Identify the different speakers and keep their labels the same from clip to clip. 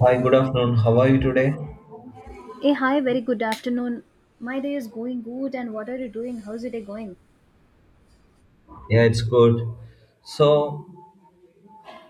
Speaker 1: Hi, good afternoon. How are you today?
Speaker 2: Hey, hi, very good afternoon. My day is going good, and what are you doing? How's your day going?
Speaker 1: Yeah, it's good. So,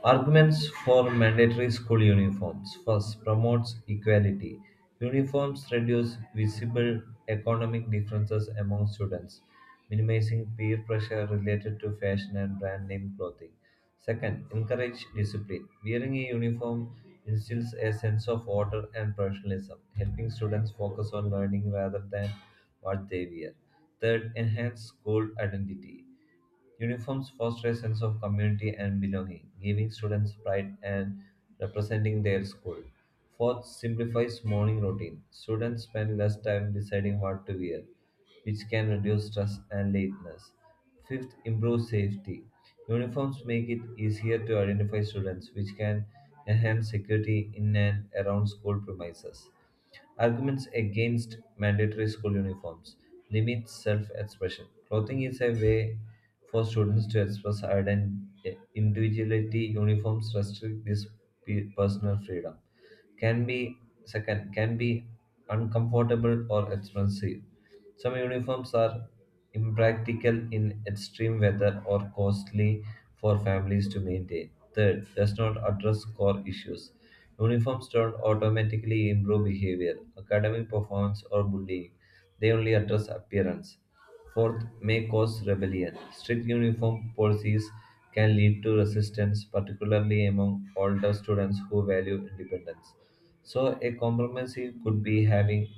Speaker 1: arguments for mandatory school uniforms. First, promotes equality. Uniforms reduce visible economic differences among students, minimizing peer pressure related to fashion and brand name clothing. Second, encourage discipline. Wearing a uniform instills a sense of order and professionalism, helping students focus on learning rather than what they wear. Third, enhance school identity. Uniforms foster a sense of community and belonging, giving students pride and representing their school. Fourth, simplifies morning routine. Students spend less time deciding what to wear, which can reduce stress and lateness. Fifth, improves safety. Uniforms make it easier to identify students, which can enhance security in and around school premises. Arguments against mandatory school uniforms: limit self expression. Clothing is a way for students to express identity, individuality. Uniforms restrict this personal freedom. Can be second can be uncomfortable or expensive. Some uniforms are impractical in extreme weather or costly for families to maintain. Third, does not address core issues. Uniforms don't automatically improve behavior, academic performance, or bullying. They only address appearance. Fourth, may cause rebellion. Strict uniform policies can lead to resistance, particularly among older students who value independence. So, a compromise could be having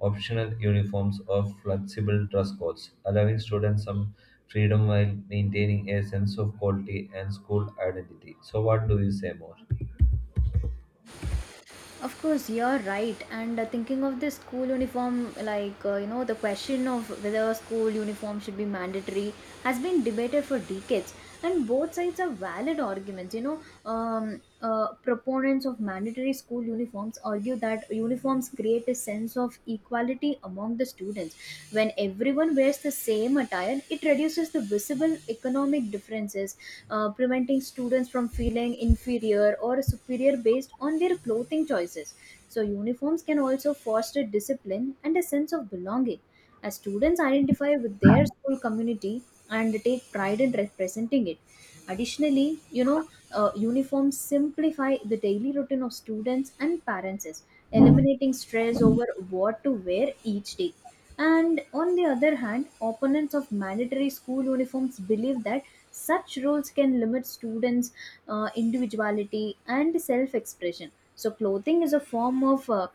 Speaker 1: optional uniforms or flexible dress codes, allowing students some freedom while maintaining a sense of quality and school identity. So, what do you say more?
Speaker 2: Of course, you're right. And thinking of the school uniform, the question of whether school uniform should be mandatory has been debated for decades. And both sides are valid arguments. You know, proponents of mandatory school uniforms argue that uniforms create a sense of equality among the students. When everyone wears the same attire, it reduces the visible economic differences preventing students from feeling inferior or superior based on their clothing choices. So, uniforms can also foster discipline and a sense of belonging, as students identify with their school community and take pride in representing it. Additionally, uniforms simplify the daily routine of students and parents, eliminating stress over what to wear each day. And on the other hand, opponents of mandatory school uniforms believe that such rules can limit students' individuality and self expression. So, clothing is a form of uh,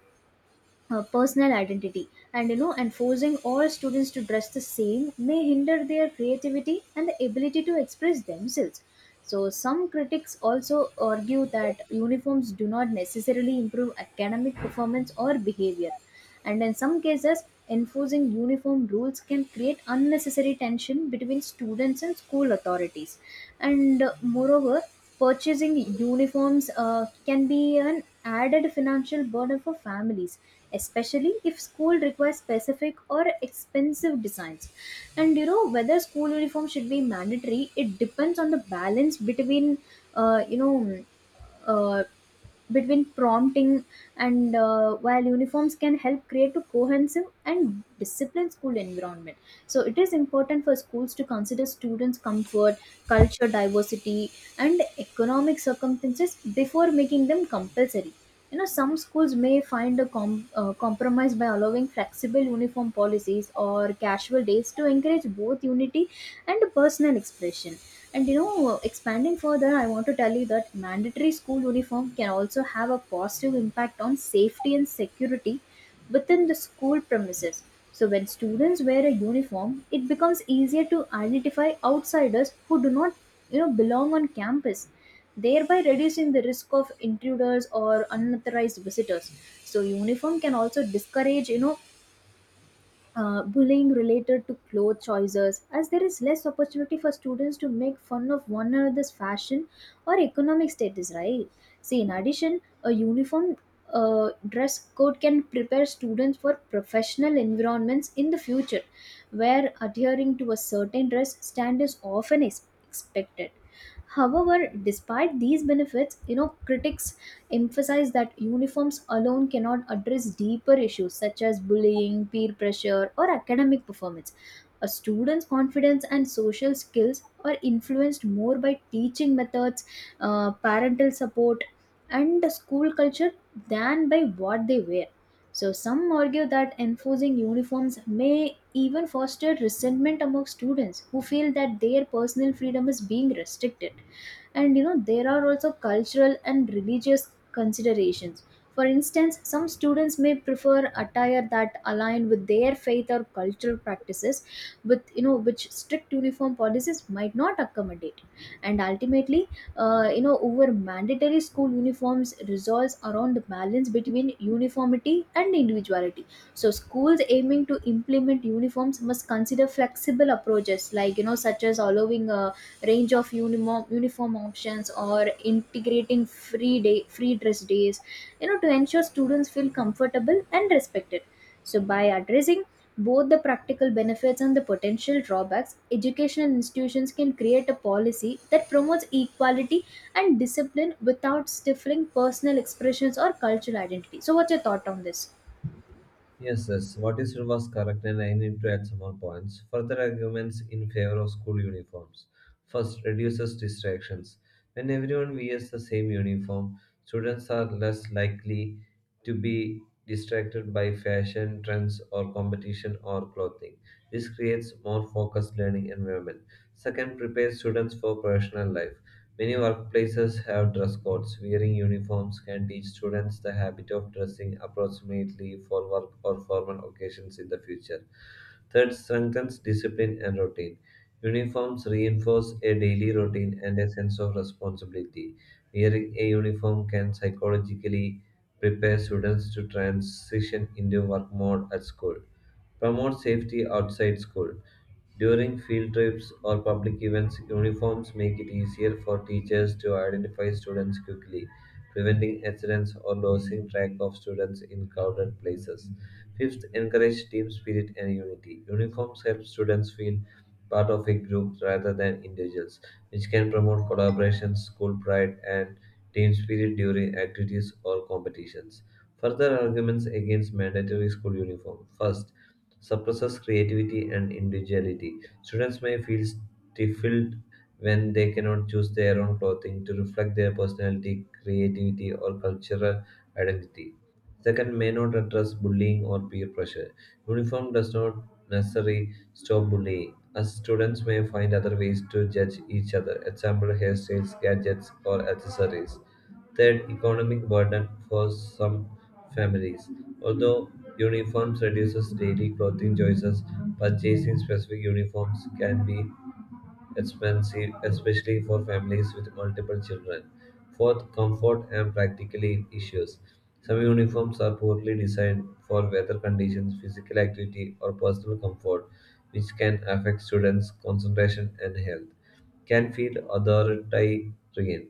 Speaker 2: uh, personal identity, and you know, enforcing all students to dress the same may hinder their creativity and the ability to express themselves. So, some critics also argue that uniforms do not necessarily improve academic performance or behavior. And in some cases, enforcing uniform rules can create unnecessary tension between students and school authorities. And moreover, purchasing uniforms can be an added financial burden for families, especially if school requires specific or expensive designs. And you know, whether school uniform should be mandatory, it depends on the balance between uh, you know uh, between prompting. And while uniforms can help create a cohesive and disciplined school environment, so it is important for schools to consider students comfort, culture diversity, and economic circumstances before making them compulsory. You know, some schools may find a compromise by allowing flexible uniform policies or casual days to encourage both unity and personal expression. And you know, expanding further, I want to tell you that mandatory school uniform can also have a positive impact on safety and security within the school premises. So when students wear a uniform, it becomes easier to identify outsiders who do not, you know, belong on campus, thereby reducing the risk of intruders or unauthorized visitors. So uniform can also discourage, bullying related to clothes choices, as there is less opportunity for students to make fun of one another's fashion or economic status, right? See, in addition, a uniform dress code can prepare students for professional environments in the future, where adhering to a certain dress stand is often is expected. However, despite these benefits, you know, critics emphasize that uniforms alone cannot address deeper issues such as bullying, peer pressure, or academic performance. A student's confidence and social skills are influenced more by teaching methods, parental support, and the school culture than by what they wear. So, some argue that enforcing uniforms may even foster resentment among students who feel that their personal freedom is being restricted. And you know, there are also cultural and religious considerations. For instance, some students may prefer attire that align with their faith or cultural practices, with you know which strict uniform policies might not accommodate. And ultimately, over mandatory school uniforms resolves around the balance between uniformity and individuality. So schools aiming to implement uniforms must consider flexible approaches, like you know, such as allowing a range of uniform options, or integrating free dress days, you know, to ensure students feel comfortable and respected. So, by addressing both the practical benefits and the potential drawbacks, educational institutions can create a policy that promotes equality and discipline without stifling personal expressions or cultural identity. So, what's your thought on this?
Speaker 1: Yes, yes, what is said was correct, and I need to add some more points. Further arguments in favor of school uniforms. First, reduces distractions. When everyone wears the same uniform, students are less likely to be distracted by fashion trends or competition or clothing. This creates more focused learning environment. Second, prepares students for professional life. Many workplaces have dress codes. Wearing uniforms can teach students the habit of dressing approximately for work or formal occasions in the future. Third, strengthens discipline and routine. Uniforms reinforce a daily routine and a sense of responsibility. Wearing a uniform can psychologically prepare students to transition into work mode at school. Promote safety outside school. During field trips or public events, uniforms make it easier for teachers to identify students quickly, preventing accidents or losing track of students in crowded places. Fifth, encourage team spirit and unity. Uniforms help students feel part of a group rather than individuals, which can promote collaboration, school pride, and team spirit during activities or competitions. Further arguments against mandatory school uniform. First, suppresses creativity and individuality. Students may feel stifled when they cannot choose their own clothing to reflect their personality, creativity, or cultural identity. Second, may not address bullying or peer pressure. Uniform does not necessarily stop bullying, as students may find other ways to judge each other, example hairstyles, gadgets, or accessories. Third, economic burden for some families. Although uniforms reduces daily clothing choices, purchasing specific uniforms can be expensive, especially for families with multiple children. Fourth, comfort and practically issues. Some uniforms are poorly designed for weather conditions, physical activity, or personal comfort, which can affect students' concentration and health. Can feel authoritarian.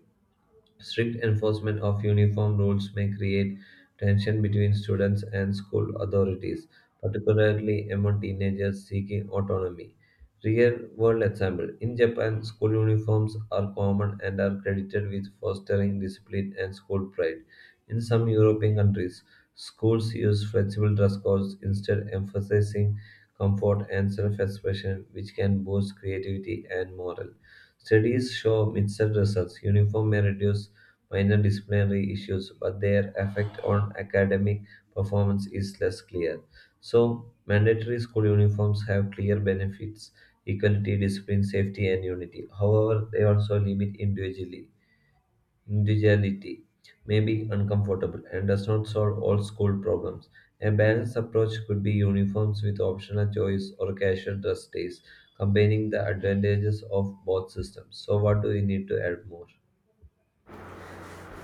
Speaker 1: Strict enforcement of uniform rules may create tension between students and school authorities, particularly among teenagers seeking autonomy. Real world example: in Japan, school uniforms are common and are credited with fostering discipline and school pride. In some European countries, schools use flexible dress codes instead, emphasizing comfort and self expression, which can boost creativity and morale. Studies show mixed results. Uniform may reduce minor disciplinary issues, but their effect on academic performance is less clear. So, mandatory school uniforms have clear benefits: equality, discipline, safety, and unity. However, they also limit individually individuality, may be uncomfortable and does not solve all school problems. A balanced approach could be uniforms with optional choice or casual dress days, combining the advantages of both systems. So, what do we need to add more?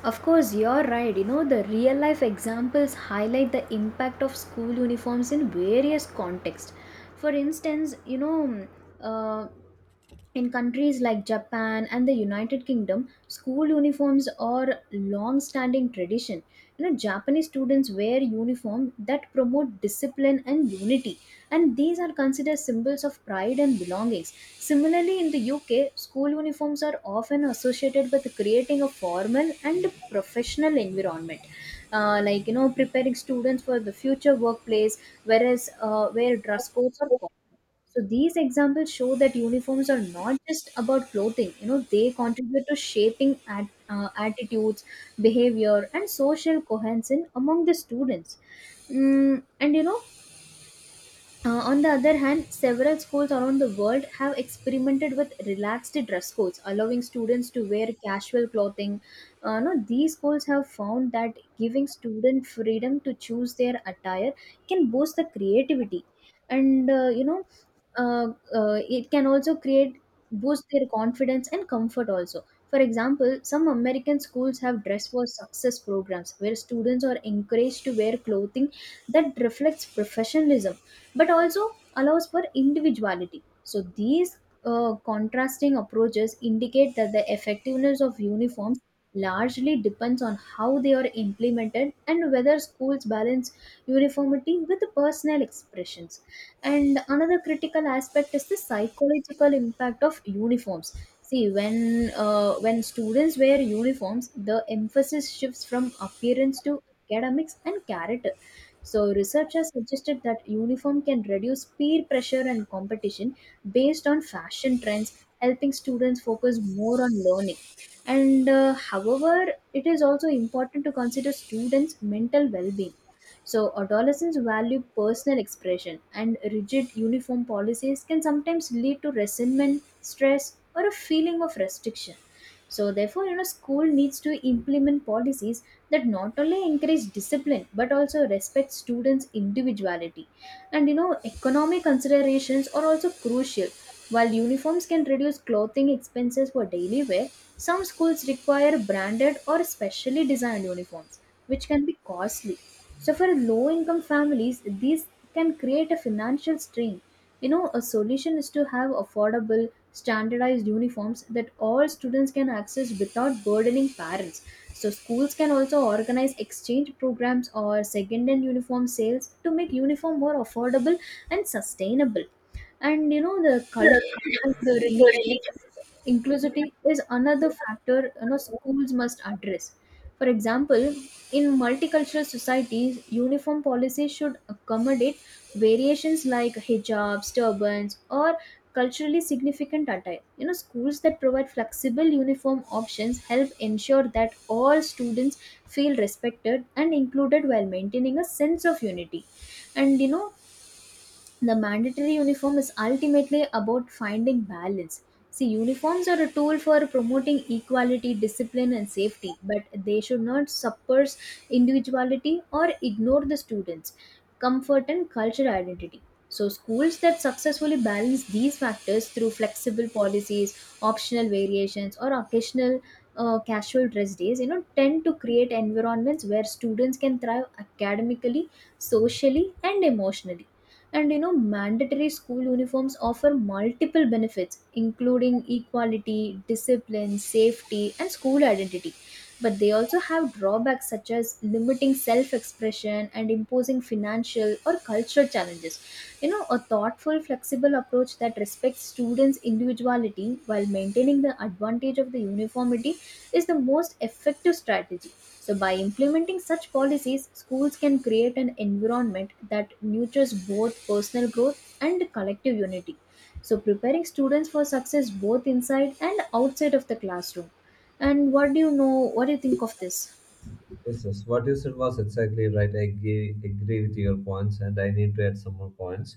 Speaker 2: Of course, you're right. You know, the real life examples highlight the impact of school uniforms in various contexts. For instance, uh, in countries like Japan and the United Kingdom, school uniforms are long-standing tradition. You know, Japanese students wear uniform that promote discipline and unity, and these are considered symbols of pride and belongings. Similarly, in the UK, school uniforms are often associated with creating a formal and professional environment. Like you know, preparing students for the future workplace, whereas where dress codes are common. So these examples show that uniforms are not just about clothing. You know, they contribute to shaping attitudes, behavior, and social cohesion among the students. Mm, and you know, on the other hand, several schools around the world have experimented with relaxed dress codes, allowing students to wear casual clothing. No, these schools have found that giving students freedom to choose their attire can boost the creativity, and uh, it can also create boost their confidence and comfort also. For example, some American schools have dress for success programs where students are encouraged to wear clothing that reflects professionalism but also allows for individuality. So these contrasting approaches indicate that the effectiveness of uniforms largely depends on how they are implemented and whether schools balance uniformity with personal expressions. And another critical aspect is the psychological impact of uniforms. See, when students wear uniforms, the emphasis shifts from appearance to academics and character. So, researchers suggested that uniform can reduce peer pressure and competition based on fashion trends, helping students focus more on learning. And however, it is also important to consider students' mental well-being. So, adolescents value personal expression, and rigid uniform policies can sometimes lead to resentment, stress, or a feeling of restriction. So, therefore, you know, school needs to implement policies that not only encourage discipline but also respect students' individuality. And you know, economic considerations are also crucial. While uniforms can reduce clothing expenses for daily wear, some schools require branded or specially designed uniforms, which can be costly. So, for low income families, these can create a financial strain. You know, a solution is to have affordable, standardized uniforms that all students can access without burdening parents. So schools can also organize exchange programs or second hand uniform sales to make uniform more affordable and sustainable. And you know, the culture and the religion inclusivity is another factor. You know, schools must address, for example, in multicultural societies, uniform policy should accommodate variations like hijabs, turbans, or culturally significant attire. You know, schools that provide flexible uniform options help ensure that all students feel respected and included while maintaining a sense of unity. And you know, the mandatory uniform is ultimately about finding balance. See, uniforms are a tool for promoting equality, discipline, and safety, but they should not suppress individuality or ignore the students' comfort and cultural identity. So, schools that successfully balance these factors through flexible policies, optional variations, or occasional casual dress days, you know, tend to create environments where students can thrive academically, socially, and emotionally. And you know, mandatory school uniforms offer multiple benefits, including equality, discipline, safety, and school identity. But they also have drawbacks such as limiting self expression and imposing financial or cultural challenges. You know, a thoughtful, flexible approach that respects students' individuality while maintaining the advantage of the uniformity is the most effective strategy. So, by implementing such policies, schools can create an environment that nurtures both personal growth and collective unity, so preparing students for success both inside and outside of the classroom. And what do you know? What do you think of this?
Speaker 1: Yes, yes. What you said was exactly right. I agree with your points, and I need to add some more points.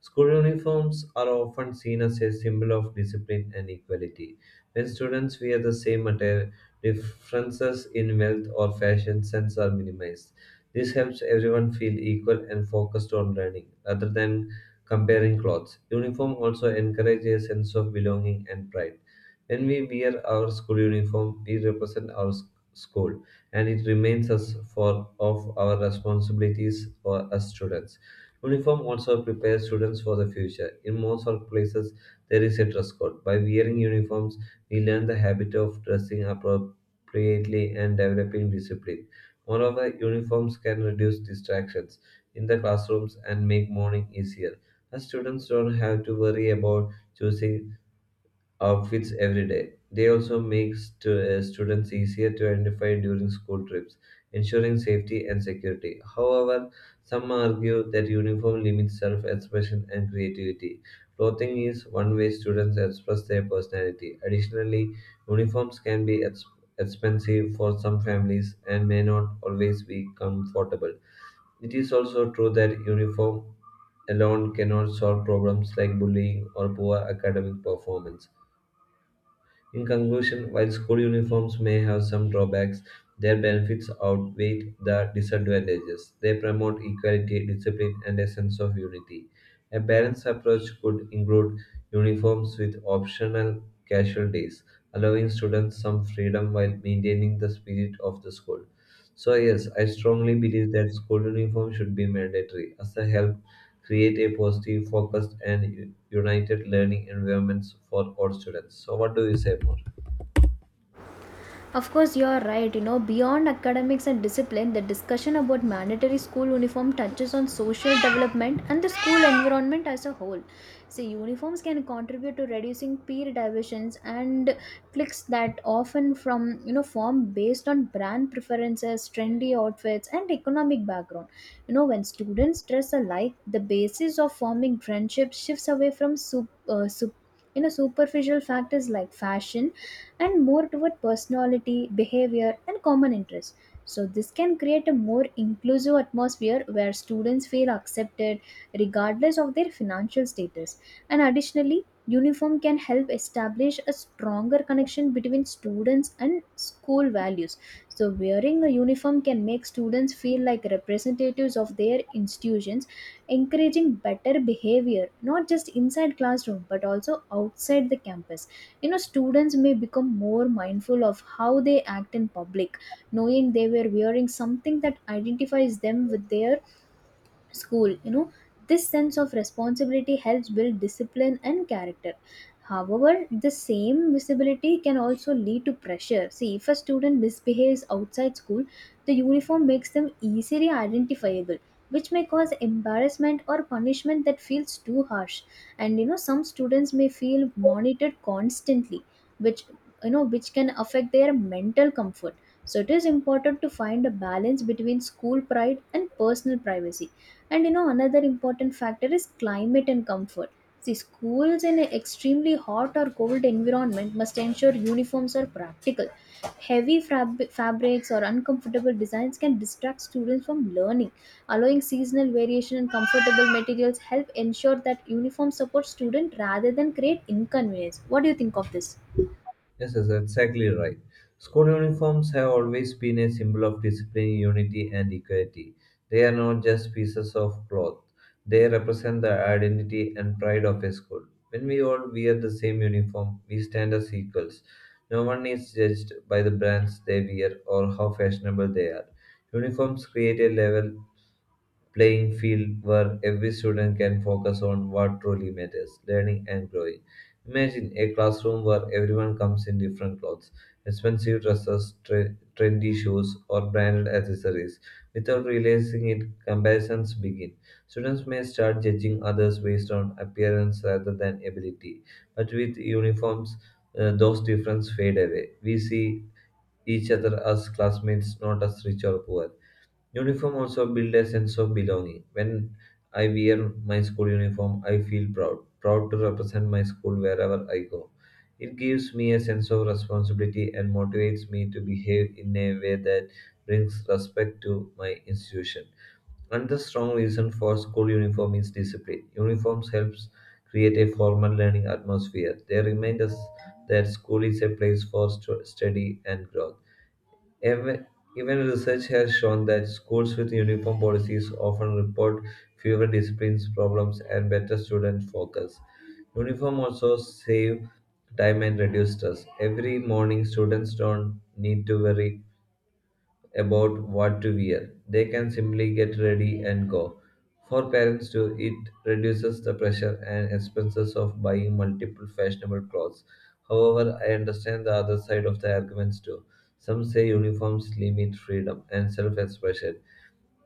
Speaker 1: School uniforms are often seen as a symbol of discipline and equality. When students wear the same attire, differences in wealth or fashion sense are minimized. This helps everyone feel equal and focused on learning rather than comparing clothes. Uniform also encourages a sense of belonging and pride. When we wear our school uniform, we represent our school, and it remains us for of our responsibilities for as students. Uniform also prepares students for the future. In most workplaces, there is a dress code. By wearing uniforms, we learn the habit of dressing appropriately and developing discipline. Moreover, uniforms can reduce distractions in the classrooms and make morning easier, as students don't have to worry about choosing outfits every day. They also make students easier to identify during school trips, ensuring safety and security. However, some argue that uniform limits self expression and creativity. Clothing is one way students express their personality. Additionally, uniforms can be expensive for some families and may not always be comfortable. It is also true that uniform alone cannot solve problems like bullying or poor academic performance. In conclusion, while school uniforms may have some drawbacks, their benefits outweigh the disadvantages. They promote equality, discipline, and a sense of unity. A balanced approach could include uniforms with optional casual days, allowing students some freedom while maintaining the spirit of the school. So, yes, I strongly believe that school uniform should be mandatory as a help create a positive, focused, and united learning environments for all students. So, what do you say more?
Speaker 2: Of course, you are right. You know, beyond academics and discipline, the discussion about mandatory school uniform touches on social development and the school environment as a whole. See, uniforms can contribute to reducing peer divisions and cliques that often from you know form based on brand preferences, trendy outfits, and economic background. You know, when students dress alike, the basis of forming friendships shifts away from superficial factors like fashion, and more toward personality, behavior, and common interests. So, this can create a more inclusive atmosphere where students feel accepted regardless of their financial status. And additionally, uniform can help establish a stronger connection between students and school values. So, wearing a uniform can make students feel like representatives of their institutions, encouraging better behavior not just inside classroom but also outside the campus. You know, students may become more mindful of how they act in public, knowing they were wearing something that identifies them with their school. This sense of responsibility helps build discipline and character. However, the same visibility can also lead to pressure. See, if a student misbehaves outside school, the uniform makes them easily identifiable, which may cause embarrassment or punishment that feels too harsh. And you know, some students may feel monitored constantly, which which can affect their mental comfort. So it is important to find a balance between school pride and personal privacy. And you know, another important factor is climate and comfort. See, schools in an extremely hot or cold environment must ensure uniforms are practical. Fabrics or uncomfortable designs can distract students from learning. Allowing seasonal variation and comfortable materials help ensure that uniforms support student rather than create inconvenience. What do you think of this?
Speaker 1: Yes, that's exactly right. School uniforms have always been a symbol of discipline, unity, and equality. They are not just pieces of cloth, they represent the identity and pride of a school. When we all wear the same uniform, we stand as equals. No one is judged by the brands they wear or how fashionable they are. Uniforms create a level playing field where every student can focus on what truly matters: learning and growing. Imagine a classroom where everyone comes in different clothes, expensive dresses, trendy shoes, or branded accessories. Without realizing it, comparisons begin. Students may start judging others based on appearance rather than ability, but with uniforms, those differences fade away. We see each other as classmates, not as rich or poor. Uniform also build a sense of belonging. When I wear my school uniform, I feel proud, proud to represent my school wherever I go. It gives me a sense of responsibility and motivates me to behave in a way that brings respect to my institution. Another strong reason for school uniform is discipline. Uniforms helps create a formal learning atmosphere. They remind us that school is a place for study and growth. Even, even research has shown that schools with uniform policies often report fewer disciplines problems and better student focus. Uniform also save time and reduce stress. Every morning, students don't need to worry about what to wear. They can simply get ready and go. For parents too, it reduces the pressure and expenses of buying multiple fashionable clothes. However, I understand the other side of the arguments too. Some say uniforms limit freedom and self expression.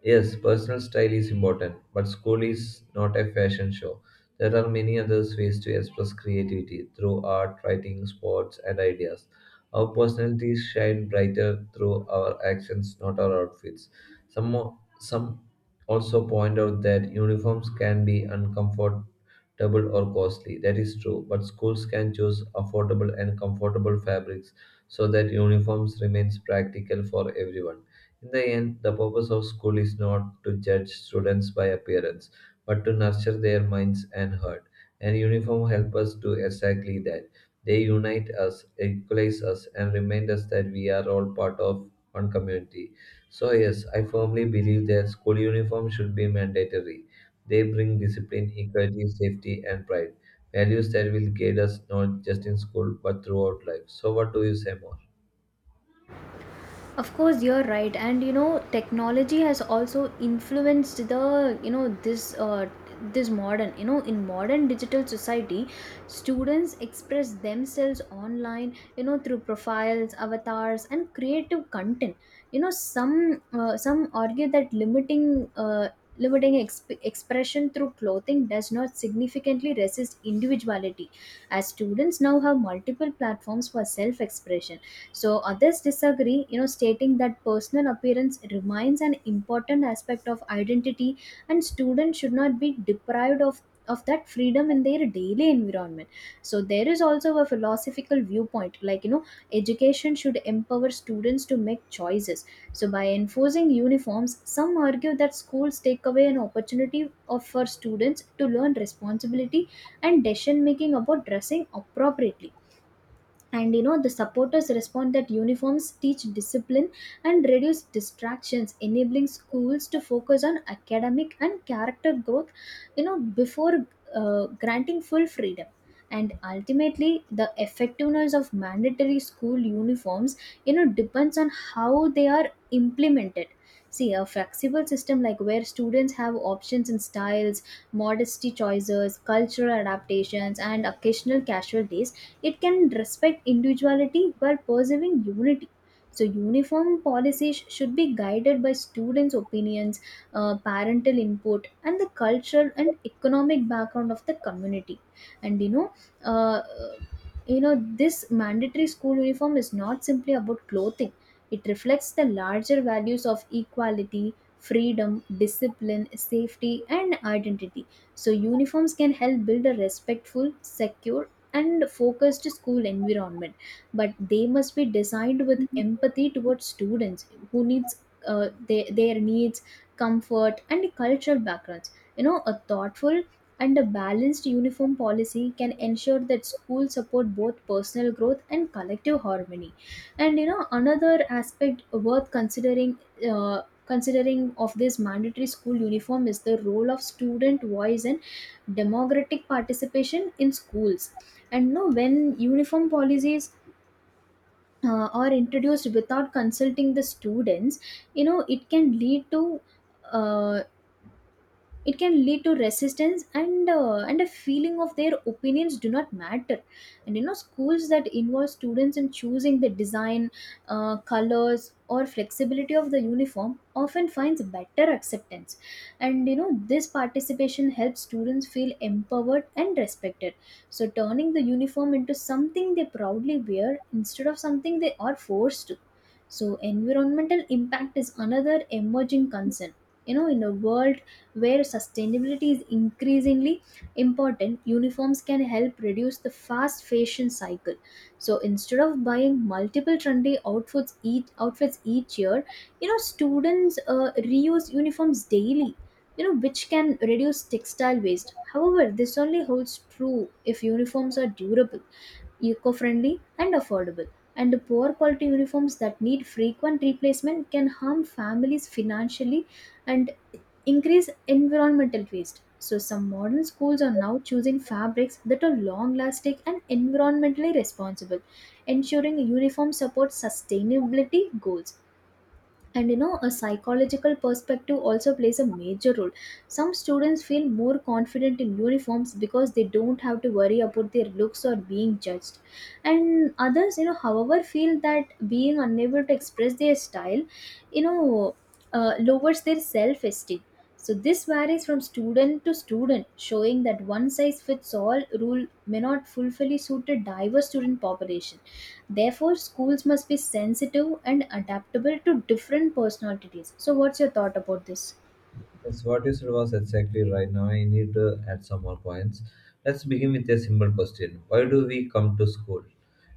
Speaker 1: Yes, personal style is important, but school is not a fashion show. There are many other ways to express creativity through art, writing, sports, and ideas. Our personalities shine brighter through our actions, not our outfits. Some also point out that uniforms can be uncomfortable or costly. That is true, but schools can choose affordable and comfortable fabrics so that uniforms remains practical for everyone. In the end, the purpose of school is not to judge students by appearance, but to nurture their minds and heart. And uniform help us do exactly that. They unite us, equalize us, and remind us that we are all part of one community. So yes, I firmly believe that school uniform should be mandatory. They bring discipline, equality, safety, and pride. Values that will guide us not just in school but throughout life. So what do you say more?
Speaker 2: Of course, you're right, and you know, technology has also influenced the you know this this modern you know in modern digital society, students express themselves online, you know, through profiles, avatars, and creative content. You know, some argue that expression through clothing does not significantly resist individuality, as students now have multiple platforms for self expression. So others disagree, you know, stating that personal appearance remains an important aspect of identity, and students should not be deprived of that freedom in their daily environment. So there is also a philosophical viewpoint, like, you know, education should empower students to make choices. So by enforcing uniforms, some argue that schools take away an opportunity of for students to learn responsibility and decision making about dressing appropriately. And you know, the supporters respond that uniforms teach discipline and reduce distractions, enabling schools to focus on academic and character growth, you know, before granting full freedom. And ultimately, the effectiveness of mandatory school uniforms, you know, depends on how they are implemented. See, a flexible system like where students have options in styles, modesty choices, cultural adaptations, and occasional casual days. It can respect individuality while preserving unity. So, uniform policies should be guided by students' opinions, parental input, and the cultural and economic background of the community. And uh, you know, This mandatory school uniform is not simply about clothing. It reflects the larger values of equality, freedom, discipline, safety, and identity. So, uniforms can help build a respectful, secure, and focused school environment, but they must be designed with empathy towards students who needs their needs, comfort, and cultural backgrounds. You know, a thoughtful and a balanced uniform policy can ensure that schools support both personal growth and collective harmony. And you know, another aspect worth considering, uh, of this mandatory school uniform is the role of student voice and democratic participation in schools. And no, when uniform policies are introduced without consulting the students, you know, it can lead to, uh, it can lead to resistance, and a feeling of their opinions do not matter. And you know, schools that involve students in choosing the design, colors, or flexibility of the uniform often finds better acceptance. And you know, this participation helps students feel empowered and respected, so turning the uniform into something they proudly wear instead of something they are forced to. So environmental impact is another emerging concern. You know, in a world where sustainability is increasingly important, uniforms can help reduce the fast fashion cycle. So instead of buying multiple trendy outfits each year, you know, students reuse uniforms daily, you know, which can reduce textile waste. However, this only holds true if uniforms are durable, eco-friendly, and affordable. And the poor quality uniforms that need frequent replacement can harm families financially and increase environmental waste. So, some modern schools are now choosing fabrics that are long lasting and environmentally responsible, ensuring uniform supports sustainability goals. And you know, a psychological perspective also plays a major role. Some students feel more confident in uniforms because they don't have to worry about their looks or being judged. And others, however, feel that being unable to express their style, you know lowers their self esteem. So this varies from student to student, showing that one size fits all rule may not fully suit a diverse student population. Therefore, schools must be sensitive and adaptable to different personalities. So, what's your thought about this?
Speaker 1: Yes, what you said was exactly right. Now I need to add some more points. Let's begin with a simple question. Why do we come to school?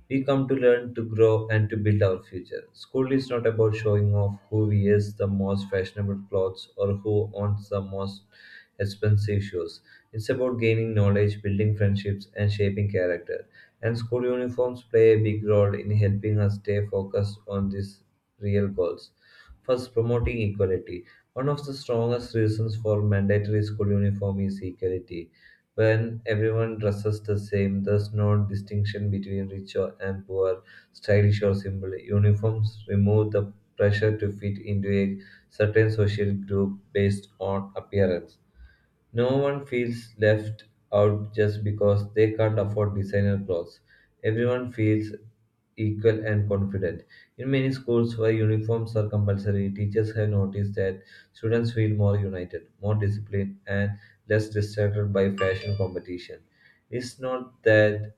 Speaker 1: We come to learn, to grow, and to build our future. School is not about showing off who wears the most fashionable clothes or who owns the most expensive shoes. It's about gaining knowledge, building friendships, and shaping character. And school uniforms play a big role in helping us stay focused on these real goals. First, promoting equality. One of the strongest reasons for mandatory school uniform is equality. When everyone dresses the same, there's no distinction between and poor, stylish or simple. Uniforms remove the pressure to fit into a certain social group based on appearance. No one feels left out just because they can't afford designer clothes. Everyone feels equal and confident. In many schools where uniforms are compulsory, teachers have noticed that students feel more united, more disciplined, and less distracted by fashion competition. It's not that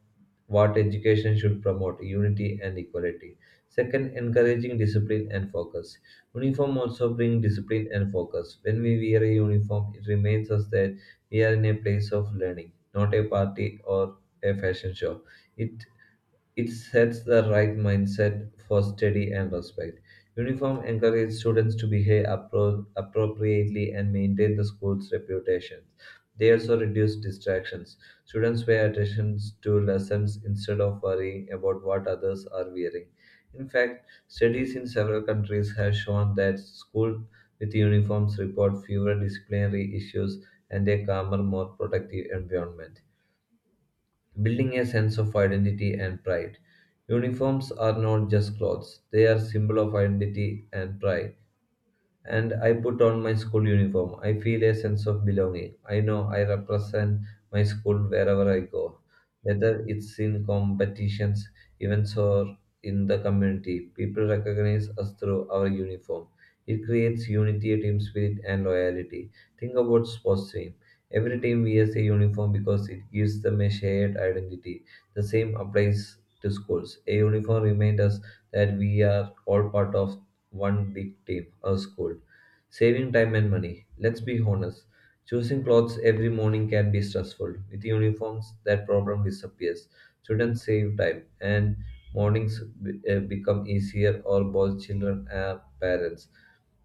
Speaker 1: what education should promote unity and equality. Second, encouraging discipline and focus. Uniform also brings discipline and focus. When we wear a uniform, it reminds us that we are in a place of learning, not a party or a fashion show. It it sets the right mindset for study and respect. Uniform encourages students to behave appropriately and maintain the school's reputation. They also reduce distractions. Students pay attention to lessons instead of worrying about what others are wearing. In fact, studies in several countries have shown that schools with uniforms report fewer disciplinary issues and a calmer, more productive environment building a sense of identity and pride. Uniforms are not just clothes, they are symbol of identity and pride and I put on my school uniform. I feel a sense of belonging. I know I represent my school wherever I go, whether it's in competitions, events, or in the community. People recognize us through our uniform. It creates unity, team spirit, and loyalty. Think about sports team. Every team wears a uniform because it gives them a shared identity. The same applies to schools. A uniform reminds us that we are all part of one big tip a scold. Saving time and money. Let's be honest. Choosing clothes every morning can be stressful. With uniforms, that problem disappears. Students save time, and mornings become easier, or both children and parents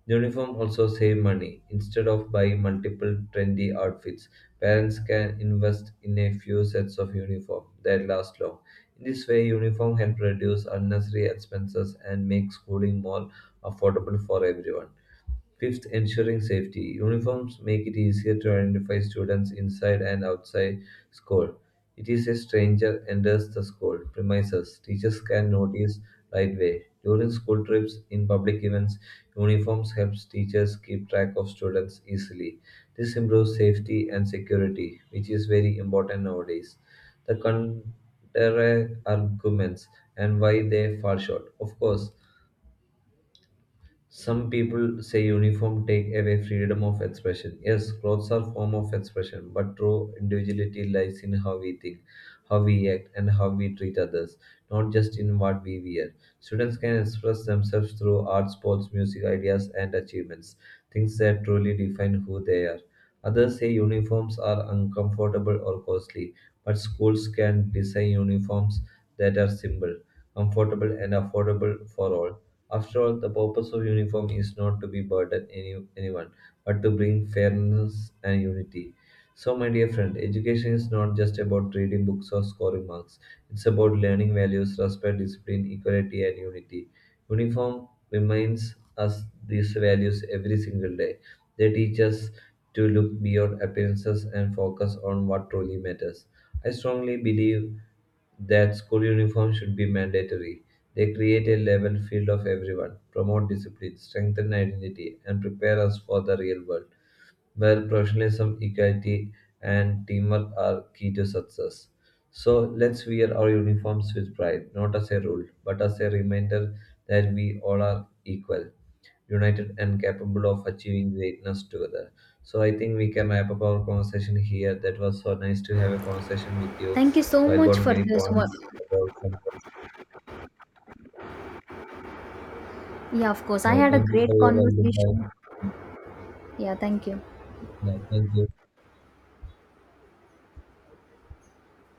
Speaker 1: the uniform also save money. Instead of buying multiple trendy outfits, parents can invest in a few sets of uniform that last long. In this way, uniform help reduce unnecessary expenses and make schooling more affordable for everyone. Fifth, ensuring safety. Uniforms make it easier to identify students inside and outside school. It is a stranger enters the school premises. Teachers can notice right away. During school trips, in public events, uniforms helps teachers keep track of students easily. This improves safety and security, which is very important nowadays. The counter arguments and why they fall short. Of course, some people say uniform take away freedom of expression. Yes, clothes are form of expression, but true individuality lies in how we think, how we act, and how we treat others, not just in what we wear. Students can express themselves through art, sports, music, ideas, and achievements, things that truly define who they are. Others say uniforms are uncomfortable or costly, but schools can design uniforms that are simple, comfortable, and affordable for all. After all, the purpose of uniform is not to be burden anyone, but to bring fairness and unity. So, my dear friend, education is not just about reading books or scoring marks. It's about learning values, respect, discipline, equality, and unity. Uniform reminds us these values every single day. They teach us to look beyond appearances and focus on what truly matters. I strongly believe that school uniforms should be mandatory. They create a level field of everyone, promote discipline, strengthen identity, and prepare us for the real world, where professionalism, equality, and teamwork are key to success. So let's wear our uniforms with pride, not as a rule, but as a reminder that we all are equal united and capable of achieving greatness together. So I think we can wrap up our conversation here. That was so nice to have a conversation with you.
Speaker 2: Thank you so
Speaker 1: So I got
Speaker 2: much for
Speaker 1: many
Speaker 2: this one.
Speaker 1: points about some.
Speaker 2: Yeah, of course. I
Speaker 1: Yeah,
Speaker 2: had a
Speaker 1: thank you
Speaker 2: great
Speaker 1: for your valuable
Speaker 2: conversation.
Speaker 1: time.
Speaker 2: Yeah, thank you.
Speaker 1: Yeah, thank you.